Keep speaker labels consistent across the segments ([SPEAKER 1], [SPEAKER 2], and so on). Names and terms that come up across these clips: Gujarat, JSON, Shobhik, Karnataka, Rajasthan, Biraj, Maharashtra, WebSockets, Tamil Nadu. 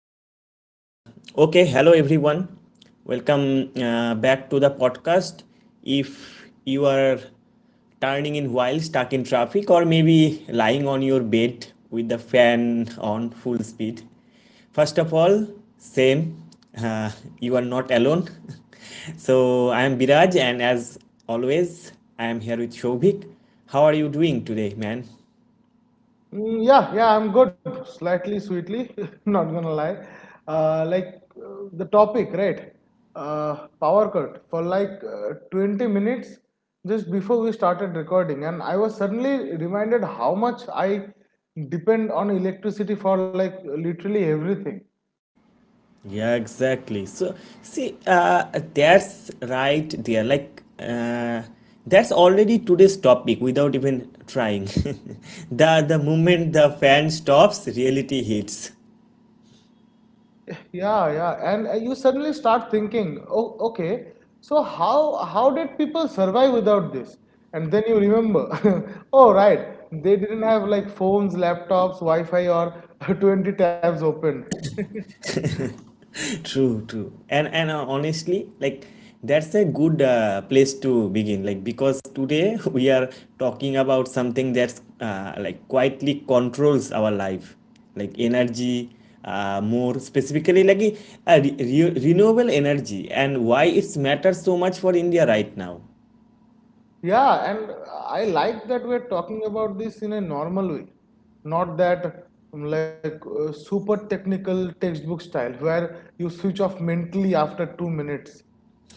[SPEAKER 1] Okay. Hello, everyone. Welcome back to the podcast. If you are turning in while stuck in traffic or maybe lying on your bed with the fan on full speed, first of all, same. Uh, you are not alone. So I am Biraj, and as always, I am here with Shobhik. How are you doing today, man?
[SPEAKER 2] Yeah, I'm good. Slightly sweetly, not gonna lie. Uh, like the topic, right? Power cut for 20 minutes just before we started recording, and I was suddenly reminded how much I depend on electricity for like literally everything.
[SPEAKER 1] Yeah, exactly. So, see, that's right there. That's already today's topic without even trying. The moment the fan stops, reality hits.
[SPEAKER 2] Yeah, yeah, and You suddenly start thinking, oh, okay, so how did people survive without this? And then you remember, oh, right, they didn't have like phones, laptops, Wi-Fi, or 20 tabs open.
[SPEAKER 1] True, true. And honestly, like that's a good place to begin. Like, because today we are talking about something that's like quietly controls our life, like energy. More specifically, like renewable energy and why it's matters so much for India right now.
[SPEAKER 2] Yeah, and I like that we're talking about this in a normal way, not that super technical textbook style where you switch off mentally after 2 minutes.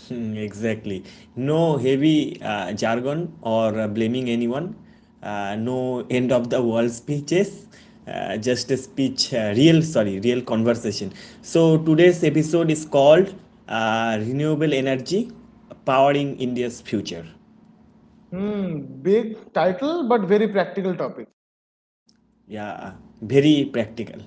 [SPEAKER 1] Hmm, exactly. No heavy jargon or blaming anyone. No end of the world speeches. Real, sorry, real conversation. So today's episode is called Renewable Energy Powering India's Future.
[SPEAKER 2] Hmm, big title, but very practical topic.
[SPEAKER 1] Yeah, very practical,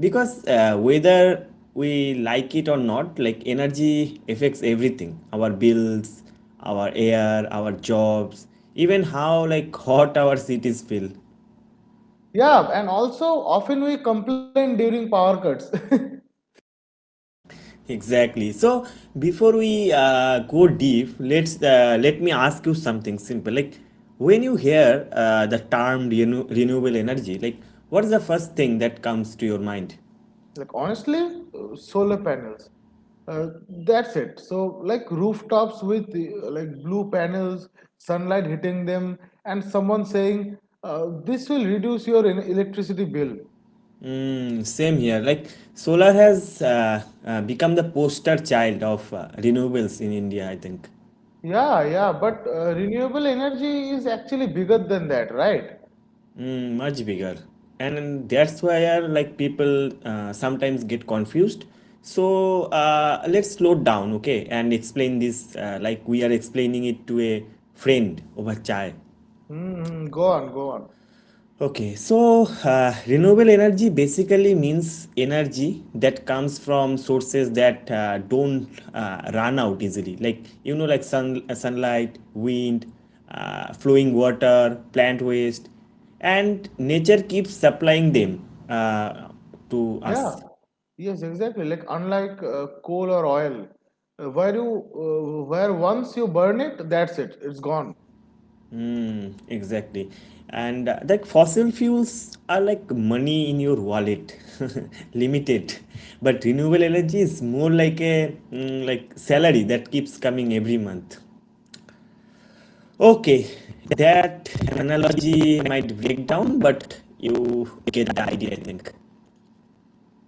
[SPEAKER 1] because whether we like it or not, like energy affects everything, our bills, our air, our jobs, even how like hot our cities feel.
[SPEAKER 2] Yeah, and also often we complain during power cuts.
[SPEAKER 1] Exactly. So before we go deep let's let me ask you something simple, like when you hear the term renewable energy, like what is the first thing that comes to your mind?
[SPEAKER 2] Like honestly, solar panels. Uh, that's it. So like rooftops with like blue panels, sunlight hitting them, and someone saying this will reduce your electricity bill.
[SPEAKER 1] Mm, same here. Like, solar has become the poster child of renewables in India, I think.
[SPEAKER 2] Yeah, yeah, but Renewable energy is actually bigger than that, right?
[SPEAKER 1] Mm, much bigger. And that's why like people sometimes get confused. So let's slow down, okay, and explain this like we are explaining it to a friend over chai.
[SPEAKER 2] Mm, go on, go on.
[SPEAKER 1] Okay, so renewable energy basically means energy that comes from sources that don't run out easily, like, you know, like sun, sunlight, wind, flowing water, plant waste, and nature keeps supplying them to
[SPEAKER 2] Yeah,
[SPEAKER 1] us.
[SPEAKER 2] yes, exactly. Like unlike coal or oil, where once you burn it, that's it. It's gone.
[SPEAKER 1] Mm, exactly. And like fossil fuels are like money in your wallet, limited. But renewable energy is more like a, like, salary that keeps coming every month. Okay, that analogy might break down, but you get the idea, I think.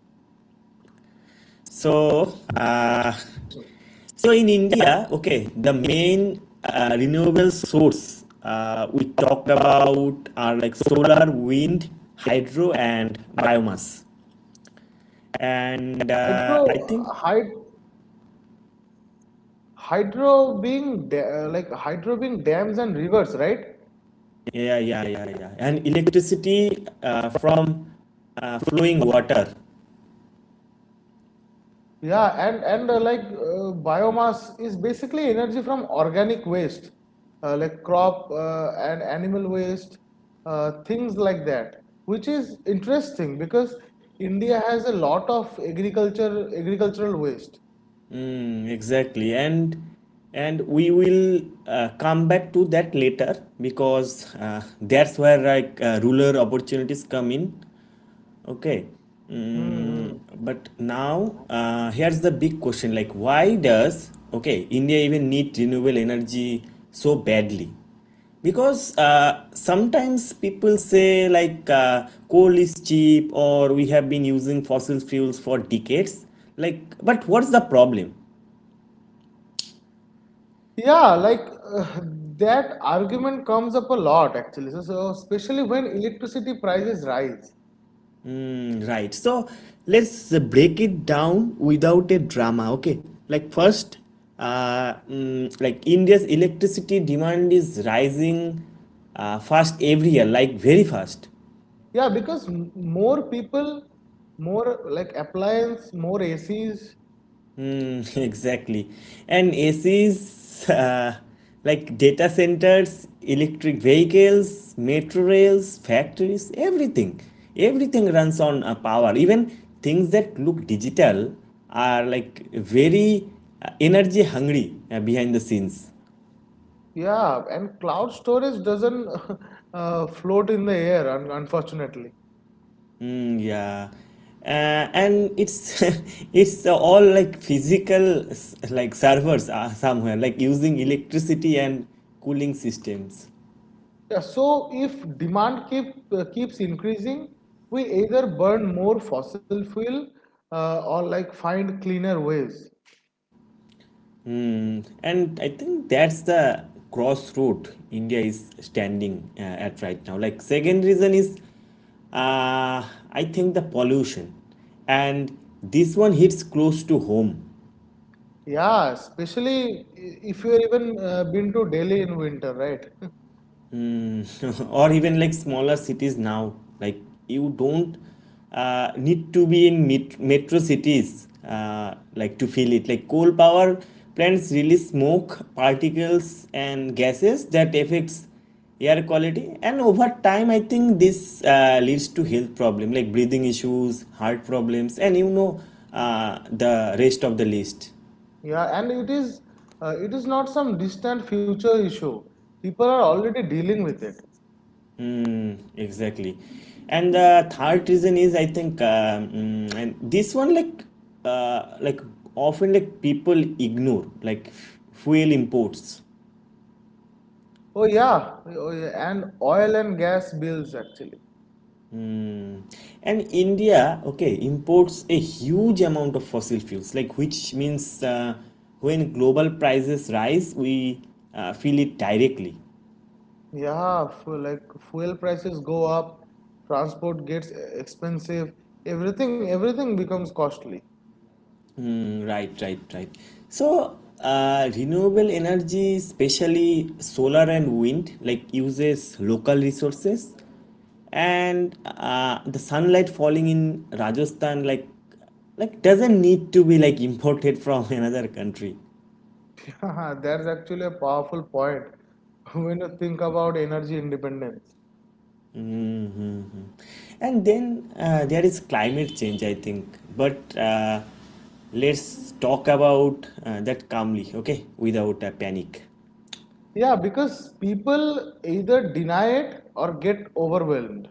[SPEAKER 2] No, no, no. It works,
[SPEAKER 1] So,
[SPEAKER 2] especially with inflation.
[SPEAKER 1] so in India, okay, the main renewable source we talked about are like solar, wind, hydro, and biomass.
[SPEAKER 2] Yeah,
[SPEAKER 1] And
[SPEAKER 2] hydro,
[SPEAKER 1] I think,
[SPEAKER 2] hyd, hydro being da- like hydro being dams and rivers, right?
[SPEAKER 1] yeah, yeah, yeah, yeah. And electricity from flowing water.
[SPEAKER 2] Yeah, and like Biomass is basically energy from organic waste, like crop and animal waste, things like that, which is interesting because India has a lot of agriculture agricultural waste.
[SPEAKER 1] Mm, exactly. And we will come back to that later, because that's where like rural opportunities come in. Okay. Mm,
[SPEAKER 2] Hmm.
[SPEAKER 1] but now, here's the big question, like, why does, okay, India even need renewable energy so badly? Because sometimes people say, like, coal is cheap, or we have been using fossil fuels for decades. Like, but what's the problem?
[SPEAKER 2] Yeah, uh, that argument comes up a lot actually. So especially when electricity prices rise.
[SPEAKER 1] Mm, right. So let's break it down without a drama, okay? Like, first, like India's electricity demand is rising fast every year, like very fast.
[SPEAKER 2] Yeah, because more people, more like appliance, more ACs.
[SPEAKER 1] Mm, exactly. And ACs, uh, like data centers, electric vehicles, metro rails, factories, everything. Everything runs on power. Even things that look digital are like very energy hungry behind the scenes.
[SPEAKER 2] Yeah, and cloud storage doesn't float in the air, un unfortunately.
[SPEAKER 1] Mm, yeah. And it's it's all like physical, like servers somewhere like using electricity and cooling systems.
[SPEAKER 2] Yeah, so if demand keep keeps increasing, we either burn more fossil fuel or like find cleaner ways.
[SPEAKER 1] Hmm, and I think that's the crossroad India is standing at right now. Like, second reason is, uh, I think, the pollution, and this one hits close to home.
[SPEAKER 2] Yeah, especially if you've even been to Delhi in winter, right?
[SPEAKER 1] Or even like smaller cities now, like, you don't need to be in metro cities like to feel it. Like, coal power plants release smoke particles and gases that affects air quality, and over time, I think, this leads to health problem like breathing issues, heart problems, and, you know, the rest of the list.
[SPEAKER 2] Yeah, and it is not some distant future issue. People are already dealing with it.
[SPEAKER 1] Mm, exactly. And the third reason is, I think, and this one uh, like often like people ignore, like, fuel imports.
[SPEAKER 2] Oh yeah, oh, yeah. And oil and gas bills actually.
[SPEAKER 1] Mm. And India, okay, imports a huge amount of fossil fuels, like, which means when global prices rise, we feel it directly.
[SPEAKER 2] Yeah, like fuel prices go up, transport gets expensive, everything becomes costly.
[SPEAKER 1] Mm, right, right, right. So, renewable energy, especially solar and wind, like, uses local resources, and the sunlight falling in Rajasthan, like doesn't need to be like imported from another country.
[SPEAKER 2] Yeah, that's actually a powerful point when you think about energy independence.
[SPEAKER 1] And then there is climate change, I think. But let's talk about that calmly, okay, without a panic.
[SPEAKER 2] Yeah, because people either deny it or get overwhelmed.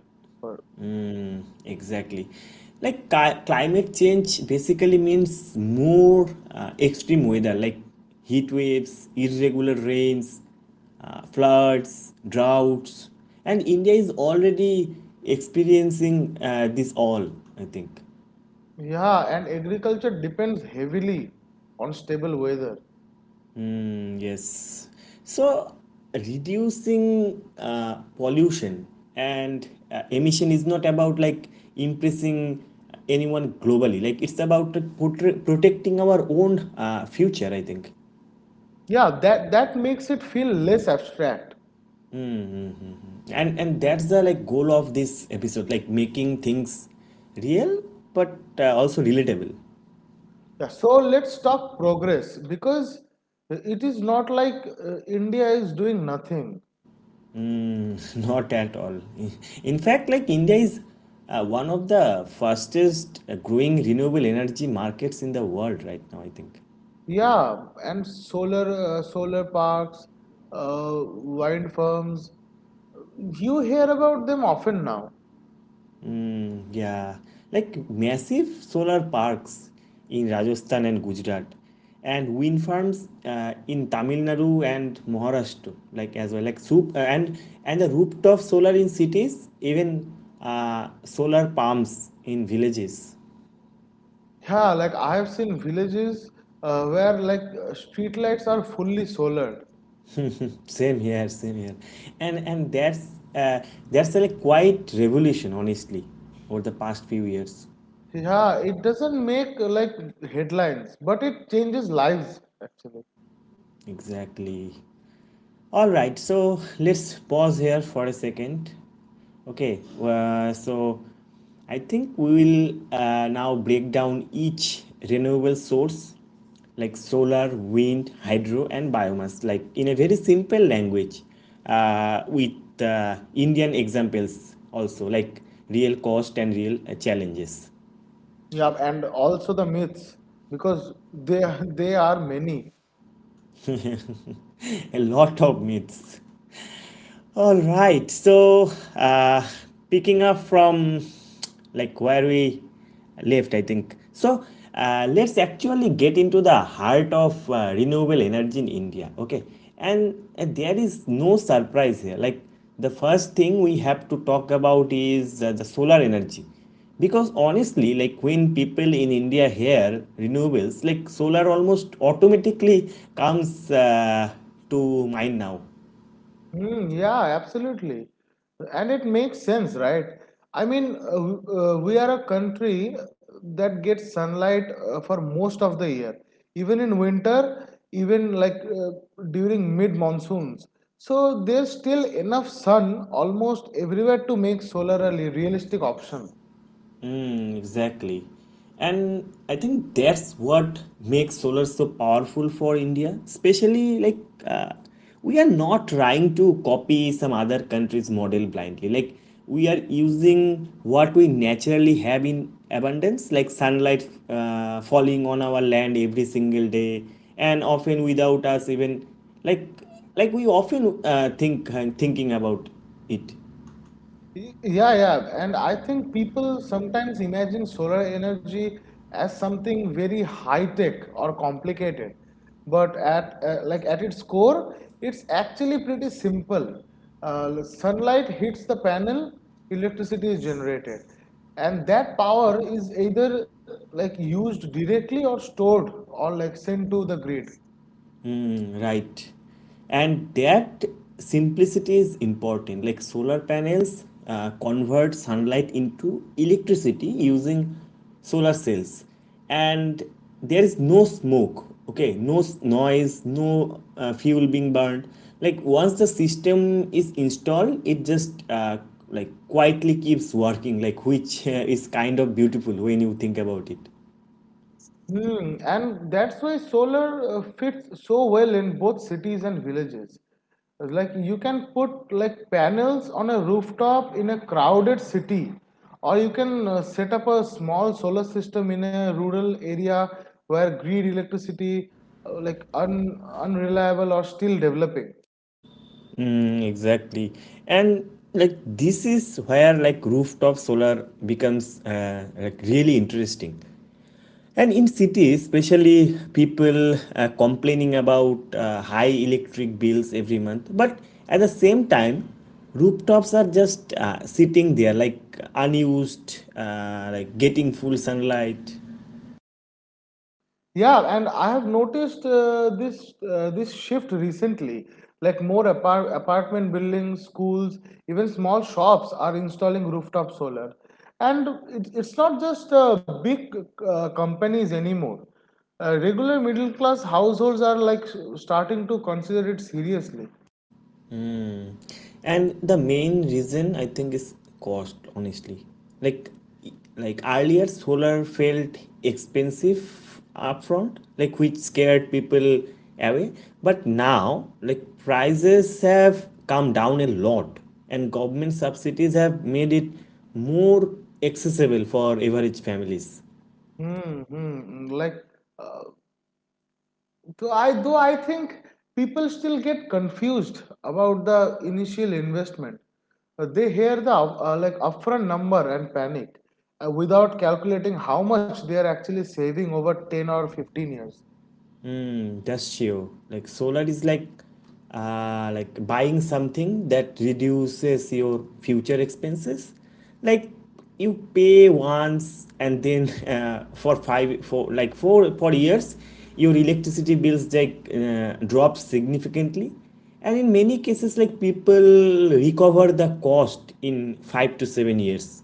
[SPEAKER 1] Exactly. Like, climate change basically means more extreme weather like heat waves, irregular rains, floods, droughts, and India is already experiencing this all, I think.
[SPEAKER 2] Yeah, and agriculture depends heavily on stable weather.
[SPEAKER 1] Mm, yes. So reducing pollution and emission is not about like impressing anyone globally. Like, it's about like, protecting our own future, I think.
[SPEAKER 2] Yeah, that makes it feel less abstract.
[SPEAKER 1] And that's the like goal of this episode, like making things real, but also relatable.
[SPEAKER 2] Yeah, so let's talk progress because it is not India is doing nothing.
[SPEAKER 1] Not at all. In fact, like India is one of the fastest growing renewable energy markets in the world right now, I think.
[SPEAKER 2] Yeah, and solar solar parks, uh, wind farms, you hear about them often now.
[SPEAKER 1] Yeah, like massive solar parks in Rajasthan and Gujarat, and wind farms in Tamil Nadu and Maharashtra, like, as well, like, soup and the rooftop solar in cities, even solar pumps in villages.
[SPEAKER 2] Yeah, like I have seen villages where street lights are fully solar.
[SPEAKER 1] Same here, and that's a like quite revolution, honestly, over the past few years.
[SPEAKER 2] Yeah, it doesn't make like headlines, but it changes lives actually.
[SPEAKER 1] Exactly. All right, so let's pause here for a second. Okay, so I think we will now break down each renewable source like solar, wind, hydro, and biomass, like in a very simple language, with Indian examples also, like real cost and real challenges.
[SPEAKER 2] Yeah, and also the myths because they they are many.
[SPEAKER 1] A lot of myths. All right. So, picking up from like where we left, I think. So, let's actually get into the heart of renewable energy in India. Okay. And there is no surprise here. Like, the first thing we have to talk about is the solar energy. Because honestly, like when people in India hear renewables, like solar almost automatically comes to mind now.
[SPEAKER 2] Mm, yeah, absolutely. And it makes sense, right? I mean, we are a country that gets sunlight for most of the year, even in winter, even during mid monsoons. So there's still enough sun almost everywhere to make solar a realistic option.
[SPEAKER 1] Mm, exactly. And I think that's what makes solar so powerful for India, especially, like uh, we are not trying to copy some other country's model blindly. Like, we are using what we naturally have in abundance, like sunlight falling on our land every single day, and often without us even like we often thinking about it.
[SPEAKER 2] Yeah. And I think people sometimes imagine solar energy as something very high tech or complicated. But at its core, it's actually pretty simple. Sunlight hits the panel, electricity is generated. And that power is either like used directly or stored or like sent to the grid.
[SPEAKER 1] Mm, right. And that simplicity is important. Like, solar panels convert sunlight into electricity using solar cells. And there is no smoke, okay? No noise, no fuel being burned. Like, once the system is installed, it just like quietly keeps working, like, which is kind of beautiful when you think about it.
[SPEAKER 2] Hmm, and that's why solar fits so well in both cities and villages. Like you can put like panels on a rooftop in a crowded city, or you can set up a small solar system in a rural area where grid electricity unreliable or still developing.
[SPEAKER 1] Mm, exactly. And like this is where like rooftop solar becomes like really interesting. And in cities, especially, people complaining about high electric bills every month. But at the same time, rooftops are just sitting there like unused, like getting full sunlight.
[SPEAKER 2] Yeah, and I have noticed this shift recently. Like more apartment buildings, schools, even small shops are installing rooftop solar, and it's not just big companies anymore. Regular middle class households are like starting to consider it seriously.
[SPEAKER 1] Mm. And the main reason, I think, is cost, honestly. Like like, earlier solar felt expensive upfront, like, which scared people away. But now like prices have come down a lot, and government subsidies have made it more accessible for average families.
[SPEAKER 2] Hmm, hmm, hmm. like uh, So I though I think people still get confused about the initial investment. They hear the like upfront number and panic without calculating how much they are actually saving over 10 or 15 years.
[SPEAKER 1] Mm, that's true. Like, solar is like buying something that reduces your future expenses. Like, you pay once, and then for five for like four for years your electricity bills like drop significantly, and in many cases, like people recover the cost in 5 to 7 years.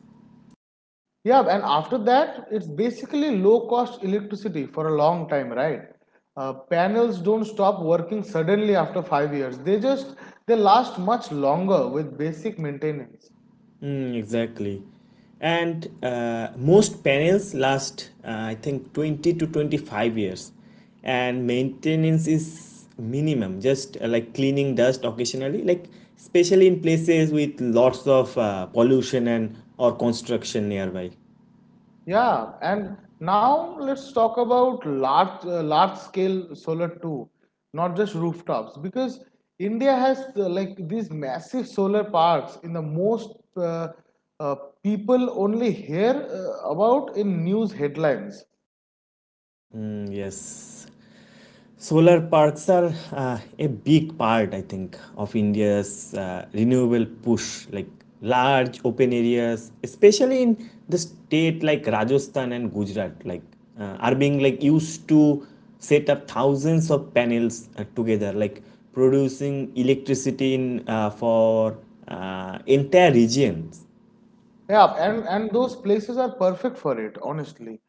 [SPEAKER 2] Yeah, and after that, it's basically low cost electricity for a long time, right? Panels don't stop working suddenly after 5 years. They just they last much longer with basic maintenance.
[SPEAKER 1] Mm, exactly. And most panels last, I think, 20 to 25 years. And maintenance is minimum, just like cleaning dust occasionally, like especially in places with lots of pollution and or construction nearby.
[SPEAKER 2] Yeah, and now let's talk about large scale solar too, not just rooftops, because India has like these massive solar parks in the most uh, people only hear about in news headlines.
[SPEAKER 1] Mm, yes. Solar parks are a big part, I think, of India's renewable push, like large open areas, especially in the state like Rajasthan and Gujarat, like are being like used to set up thousands of panels together, like producing electricity in, for entire regions.
[SPEAKER 2] Yeah, and those places are perfect for it, honestly.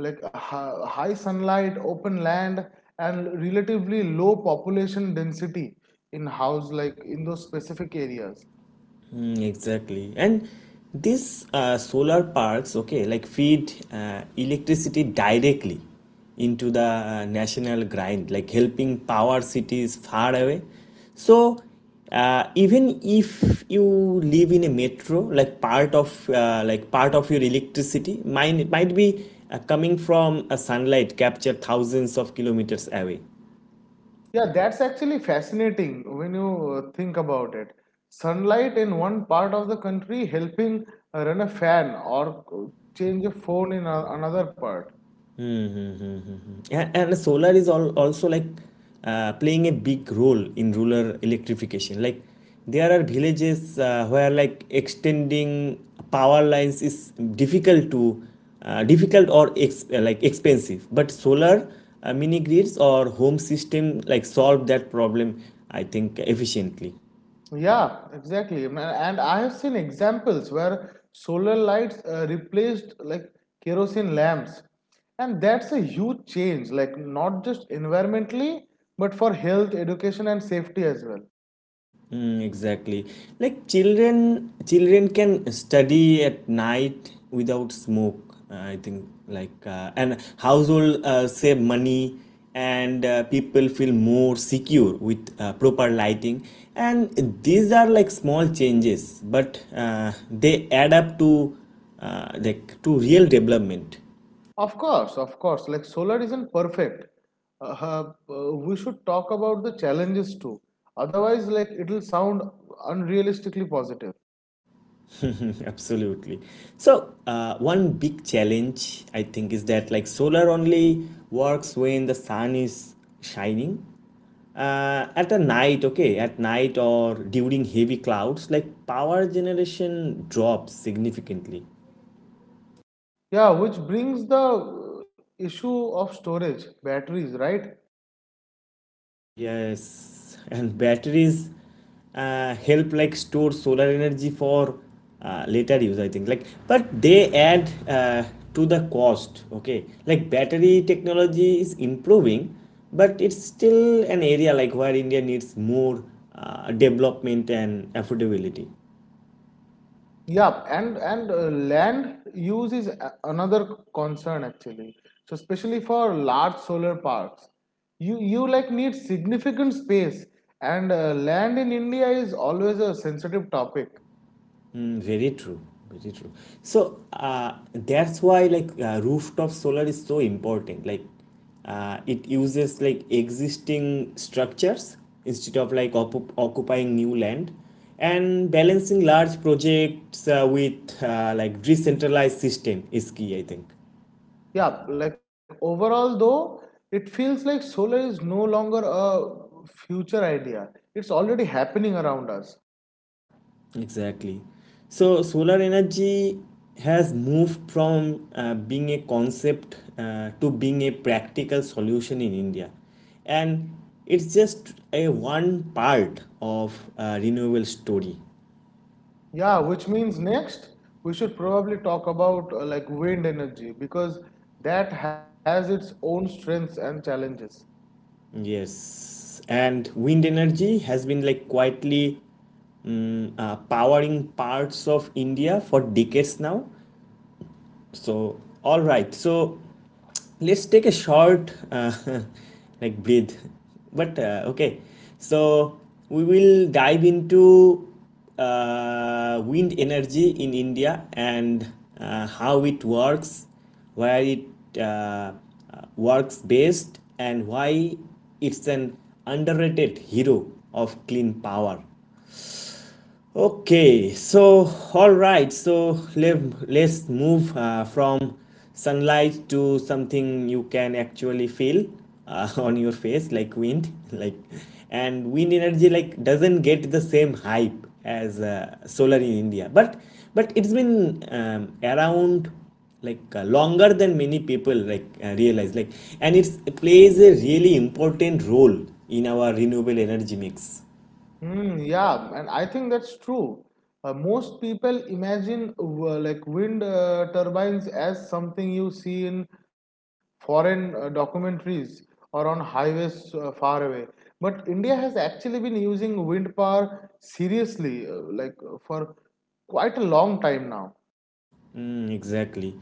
[SPEAKER 2] Like high sunlight, open land, and relatively low population density in house like in those specific areas.
[SPEAKER 1] Mm, exactly. And these solar parks, okay, like feed electricity directly into the national grind, like helping power cities far away. So, even if you live in a metro, like part of your electricity might be coming from a sunlight captured thousands of kilometers away.
[SPEAKER 2] Yeah, that's actually fascinating when you think about it. Sunlight in one part of the country helping run a fan or change a phone in another part.
[SPEAKER 1] Mm-hmm. And solar is all, also like playing a big role in rural electrification. Like, there are villages where like extending power lines is difficult or like expensive. But solar mini grids or home system like solve that problem, I think, efficiently.
[SPEAKER 2] Yeah, exactly. And I have seen examples where solar lights replaced like kerosene lamps. And that's a huge change, like not just environmentally, but for health, education, and safety as well.
[SPEAKER 1] Mm, exactly. Like children can study at night without smoke. I think like and Household save money and people feel more secure with proper lighting. And these are like small changes, but they add up to to real development.
[SPEAKER 2] Of course, of course. Like solar isn't perfect. Uh, we should talk about the challenges too. Otherwise, like it'll sound unrealistically positive.
[SPEAKER 1] Absolutely. One big challenge I think is that like solar only works when the sun is shining. Okay, at night or during heavy clouds, like power generation drops significantly.
[SPEAKER 2] Yeah, which brings the issue of storage, batteries, right?
[SPEAKER 1] Yes, and batteries help like store solar energy for later use, I think. Like, but they add to the cost. Okay, like battery technology is improving, but it's still an area like where India needs more development and affordability.
[SPEAKER 2] Yeah, and land use is another concern actually. So especially for large solar parks, you like need significant space, and land in India is always a sensitive topic.
[SPEAKER 1] Mm, very true. Very true. So that's why rooftop solar is so important. Like it uses like existing structures instead of occupying new land, and balancing large projects with like decentralized system is key, I think.
[SPEAKER 2] Yeah, like overall though it feels like solar is no longer a future idea, it's already happening around us.
[SPEAKER 1] Exactly. So solar energy has moved from being a concept to being a practical solution in India. And it's just a one part of renewable story.
[SPEAKER 2] Yeah, which means next we should probably talk about like wind energy because that has its own strengths and challenges.
[SPEAKER 1] Yes. And wind energy has been like quietly powering parts of India for decades now. So, all right. So, let's take a short like breathe. But okay. So, we will dive into wind energy in India and how it works, where it uh, uh, works best, and why it's an underrated hero of clean power. Okay, so all right, let's move from sunlight to something you can actually feel on your face, like wind, like, and wind energy like doesn't get the same hype as solar in India, but it's been around like longer than many people realize, like, and it plays a really important role in our renewable energy mix.
[SPEAKER 2] Mm, yeah, and I think that's true. Most people imagine like wind turbines as something you see in foreign documentaries or on highways far away. But India has actually been using wind power seriously, for quite a long time now.
[SPEAKER 1] Mm, exactly.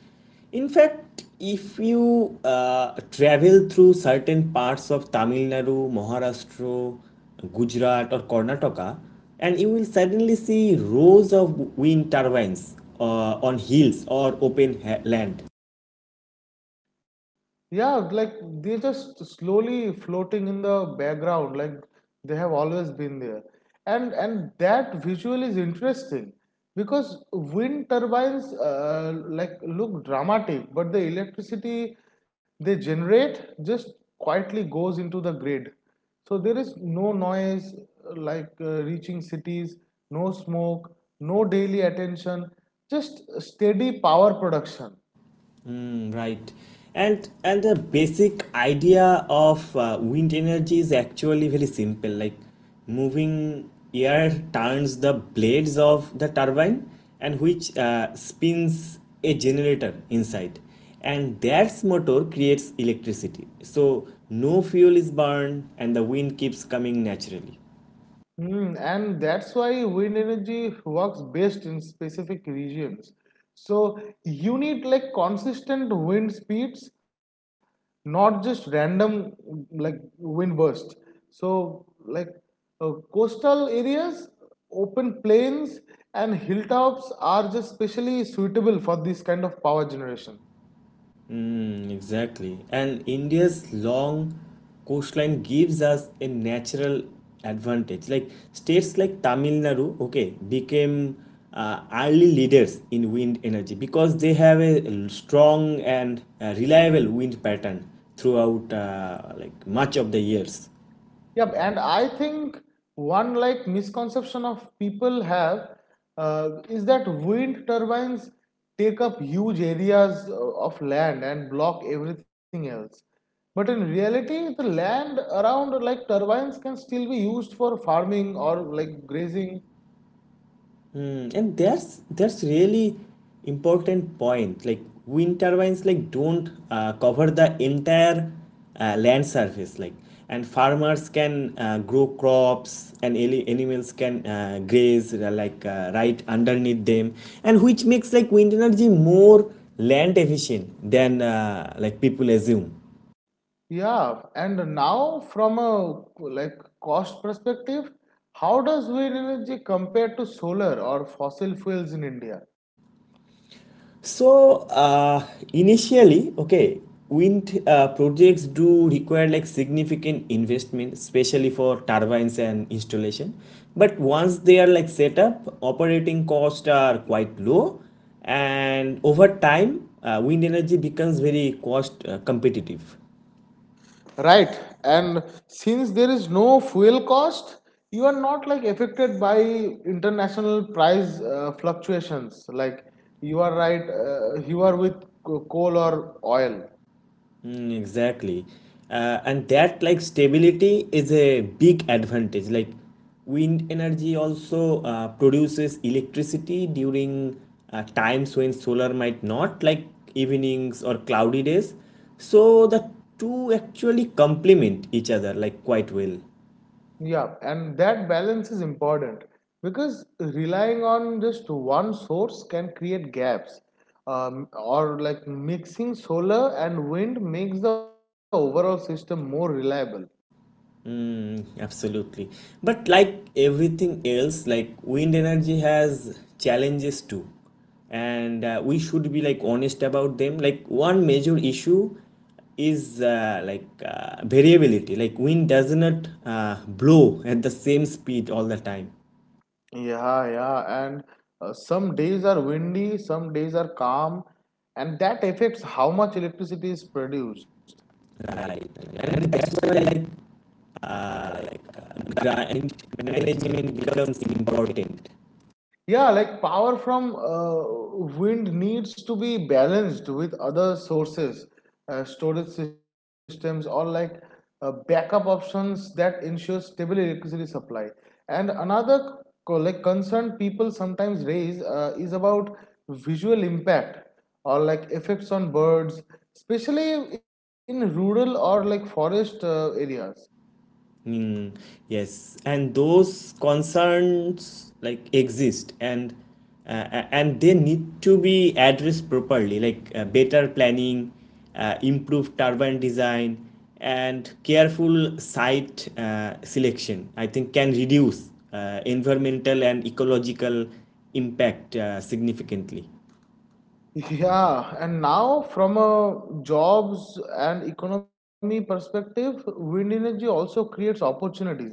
[SPEAKER 1] In fact, if you travel through certain parts of Tamil Nadu, Maharashtra, Gujarat, or Karnataka, and you will suddenly see rows of wind turbines on hills or land.
[SPEAKER 2] Yeah, like they're just slowly floating in the background, like they have always been there. And that visual is interesting because wind turbines like look dramatic, but the electricity they generate just quietly goes into the grid. So there is no noise reaching cities, no smoke, no daily attention, just steady power production.
[SPEAKER 1] Mm, right. And the basic idea of wind energy is actually very simple. Like moving air turns the blades of the turbine, and which spins a generator inside. And that motor creates electricity. So no fuel is burned and the wind keeps coming naturally.
[SPEAKER 2] Mm, and that's why wind energy works best in specific regions. So you need like consistent wind speeds, not just random like wind burst. So, like, coastal areas, open plains, and hilltops are just specially suitable for this kind of power generation.
[SPEAKER 1] Mm, exactly. And India's long coastline gives us a natural advantage. Like states like Tamil Nadu, okay, became early leaders in wind energy because they have a strong and reliable wind pattern throughout much of the years.
[SPEAKER 2] Yeah, and I think one like misconception of people have is that wind turbines take up huge areas of land and block everything else. But in reality, the land around like turbines can still be used for farming or like grazing.
[SPEAKER 1] Hmm, and that's really important point. Like wind turbines, like don't cover the entire land surface. Like and farmers can grow crops, and animals can graze right underneath them, and which makes like wind energy more land efficient than people assume.
[SPEAKER 2] Yeah, and now from a like cost perspective, how does wind energy compare to solar or fossil fuels in India?
[SPEAKER 1] So initially, okay, wind projects do require like significant investment, especially for turbines and installation. But once they are like set up, operating costs are quite low, and over time, wind energy becomes very cost competitive.
[SPEAKER 2] Right. And since there is no fuel cost, you are not like affected by international price fluctuations. Like you are right, you are with coal or oil.
[SPEAKER 1] Mm, exactly. And that like stability is a big advantage. Like wind energy also produces electricity during times when solar might not, like evenings or cloudy days. So the two actually complement each other like quite well.
[SPEAKER 2] Yeah, and that balance is important because relying on just one source can create gaps. Or like mixing solar and wind makes the overall system more reliable.
[SPEAKER 1] Mm, absolutely. But like everything else, like wind energy has challenges too. And we should be like honest about them. Like one major issue is variability. Like wind does not blow at the same speed all the time.
[SPEAKER 2] Yeah, yeah, and some days are windy, some days are calm, and that affects how much electricity is produced.
[SPEAKER 1] Right. And that's why grind management becomes important.
[SPEAKER 2] Yeah, like power from wind needs to be balanced with other sources, storage systems, or like backup options that ensure stable electricity supply. And another like concern people sometimes raise is about visual impact or like effects on birds, especially in rural or like forest areas.
[SPEAKER 1] Mm, yes, and those concerns like exist, and and they need to be addressed properly, like better planning, improved turbine design, and careful site selection, I think, can reduce environmental and ecological impact significantly.
[SPEAKER 2] Yeah, and now from a jobs and economy perspective, wind energy also creates opportunities, right?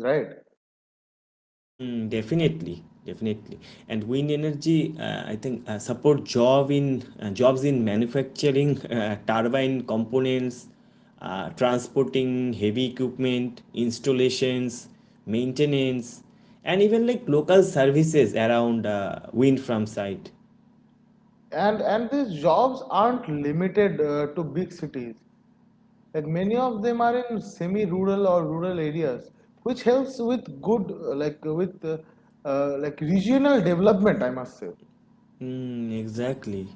[SPEAKER 1] Mm, definitely, definitely. And wind energy, I think, support job in jobs in manufacturing turbine components, transporting heavy equipment, installations, maintenance, and even like local services around wind farm site.
[SPEAKER 2] And these jobs aren't limited to big cities. Like many of them are in semi-rural or rural areas, which helps with good like with like regional development, I must say.
[SPEAKER 1] Mm, exactly.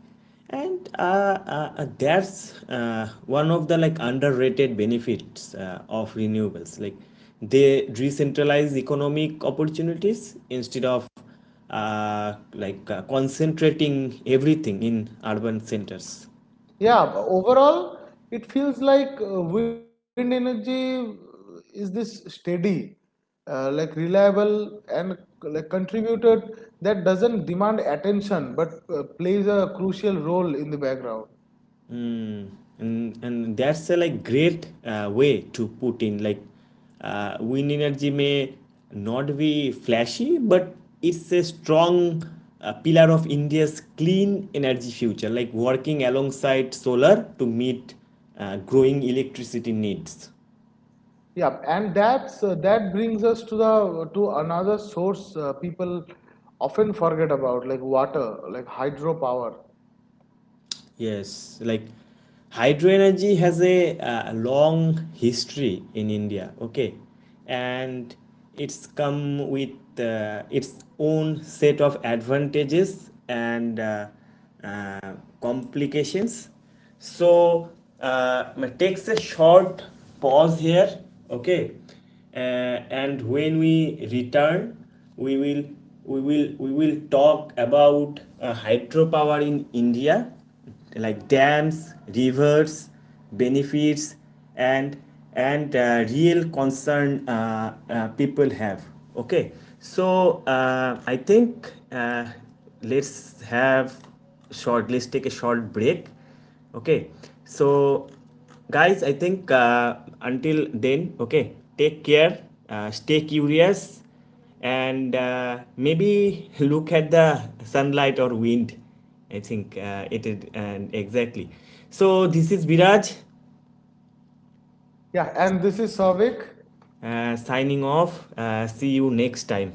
[SPEAKER 1] And that's one of the like underrated benefits of renewables. Like they decentralize economic opportunities instead of concentrating everything in urban centers.
[SPEAKER 2] Yeah, but overall, it feels like wind energy is this steady, like reliable and like contributed that doesn't demand attention but plays a crucial role in the background.
[SPEAKER 1] And that's a like great way to put in. Like wind energy may not be flashy, but it's a strong pillar of India's clean energy future, like working alongside solar to meet growing electricity needs.
[SPEAKER 2] Yeah, and that brings us to the to another source people often forget about, like water, like hydropower.
[SPEAKER 1] Yes, like hydro energy has a, long history in India, okay? And it's come with its own set of advantages and uh, complications. So, it takes a short pause here, okay? Uh, and when we return, we will we will talk about hydropower in India, like dams, rivers, benefits, and real concern people have. Okay, so I think let's have short. Let's take a short break. Okay, so guys, I think until then, okay, take care, stay curious, and maybe look at the sunlight or wind. I think it is and exactly. So this is Viraj
[SPEAKER 2] Yeah, and this is Savik.
[SPEAKER 1] signing off. See you next time.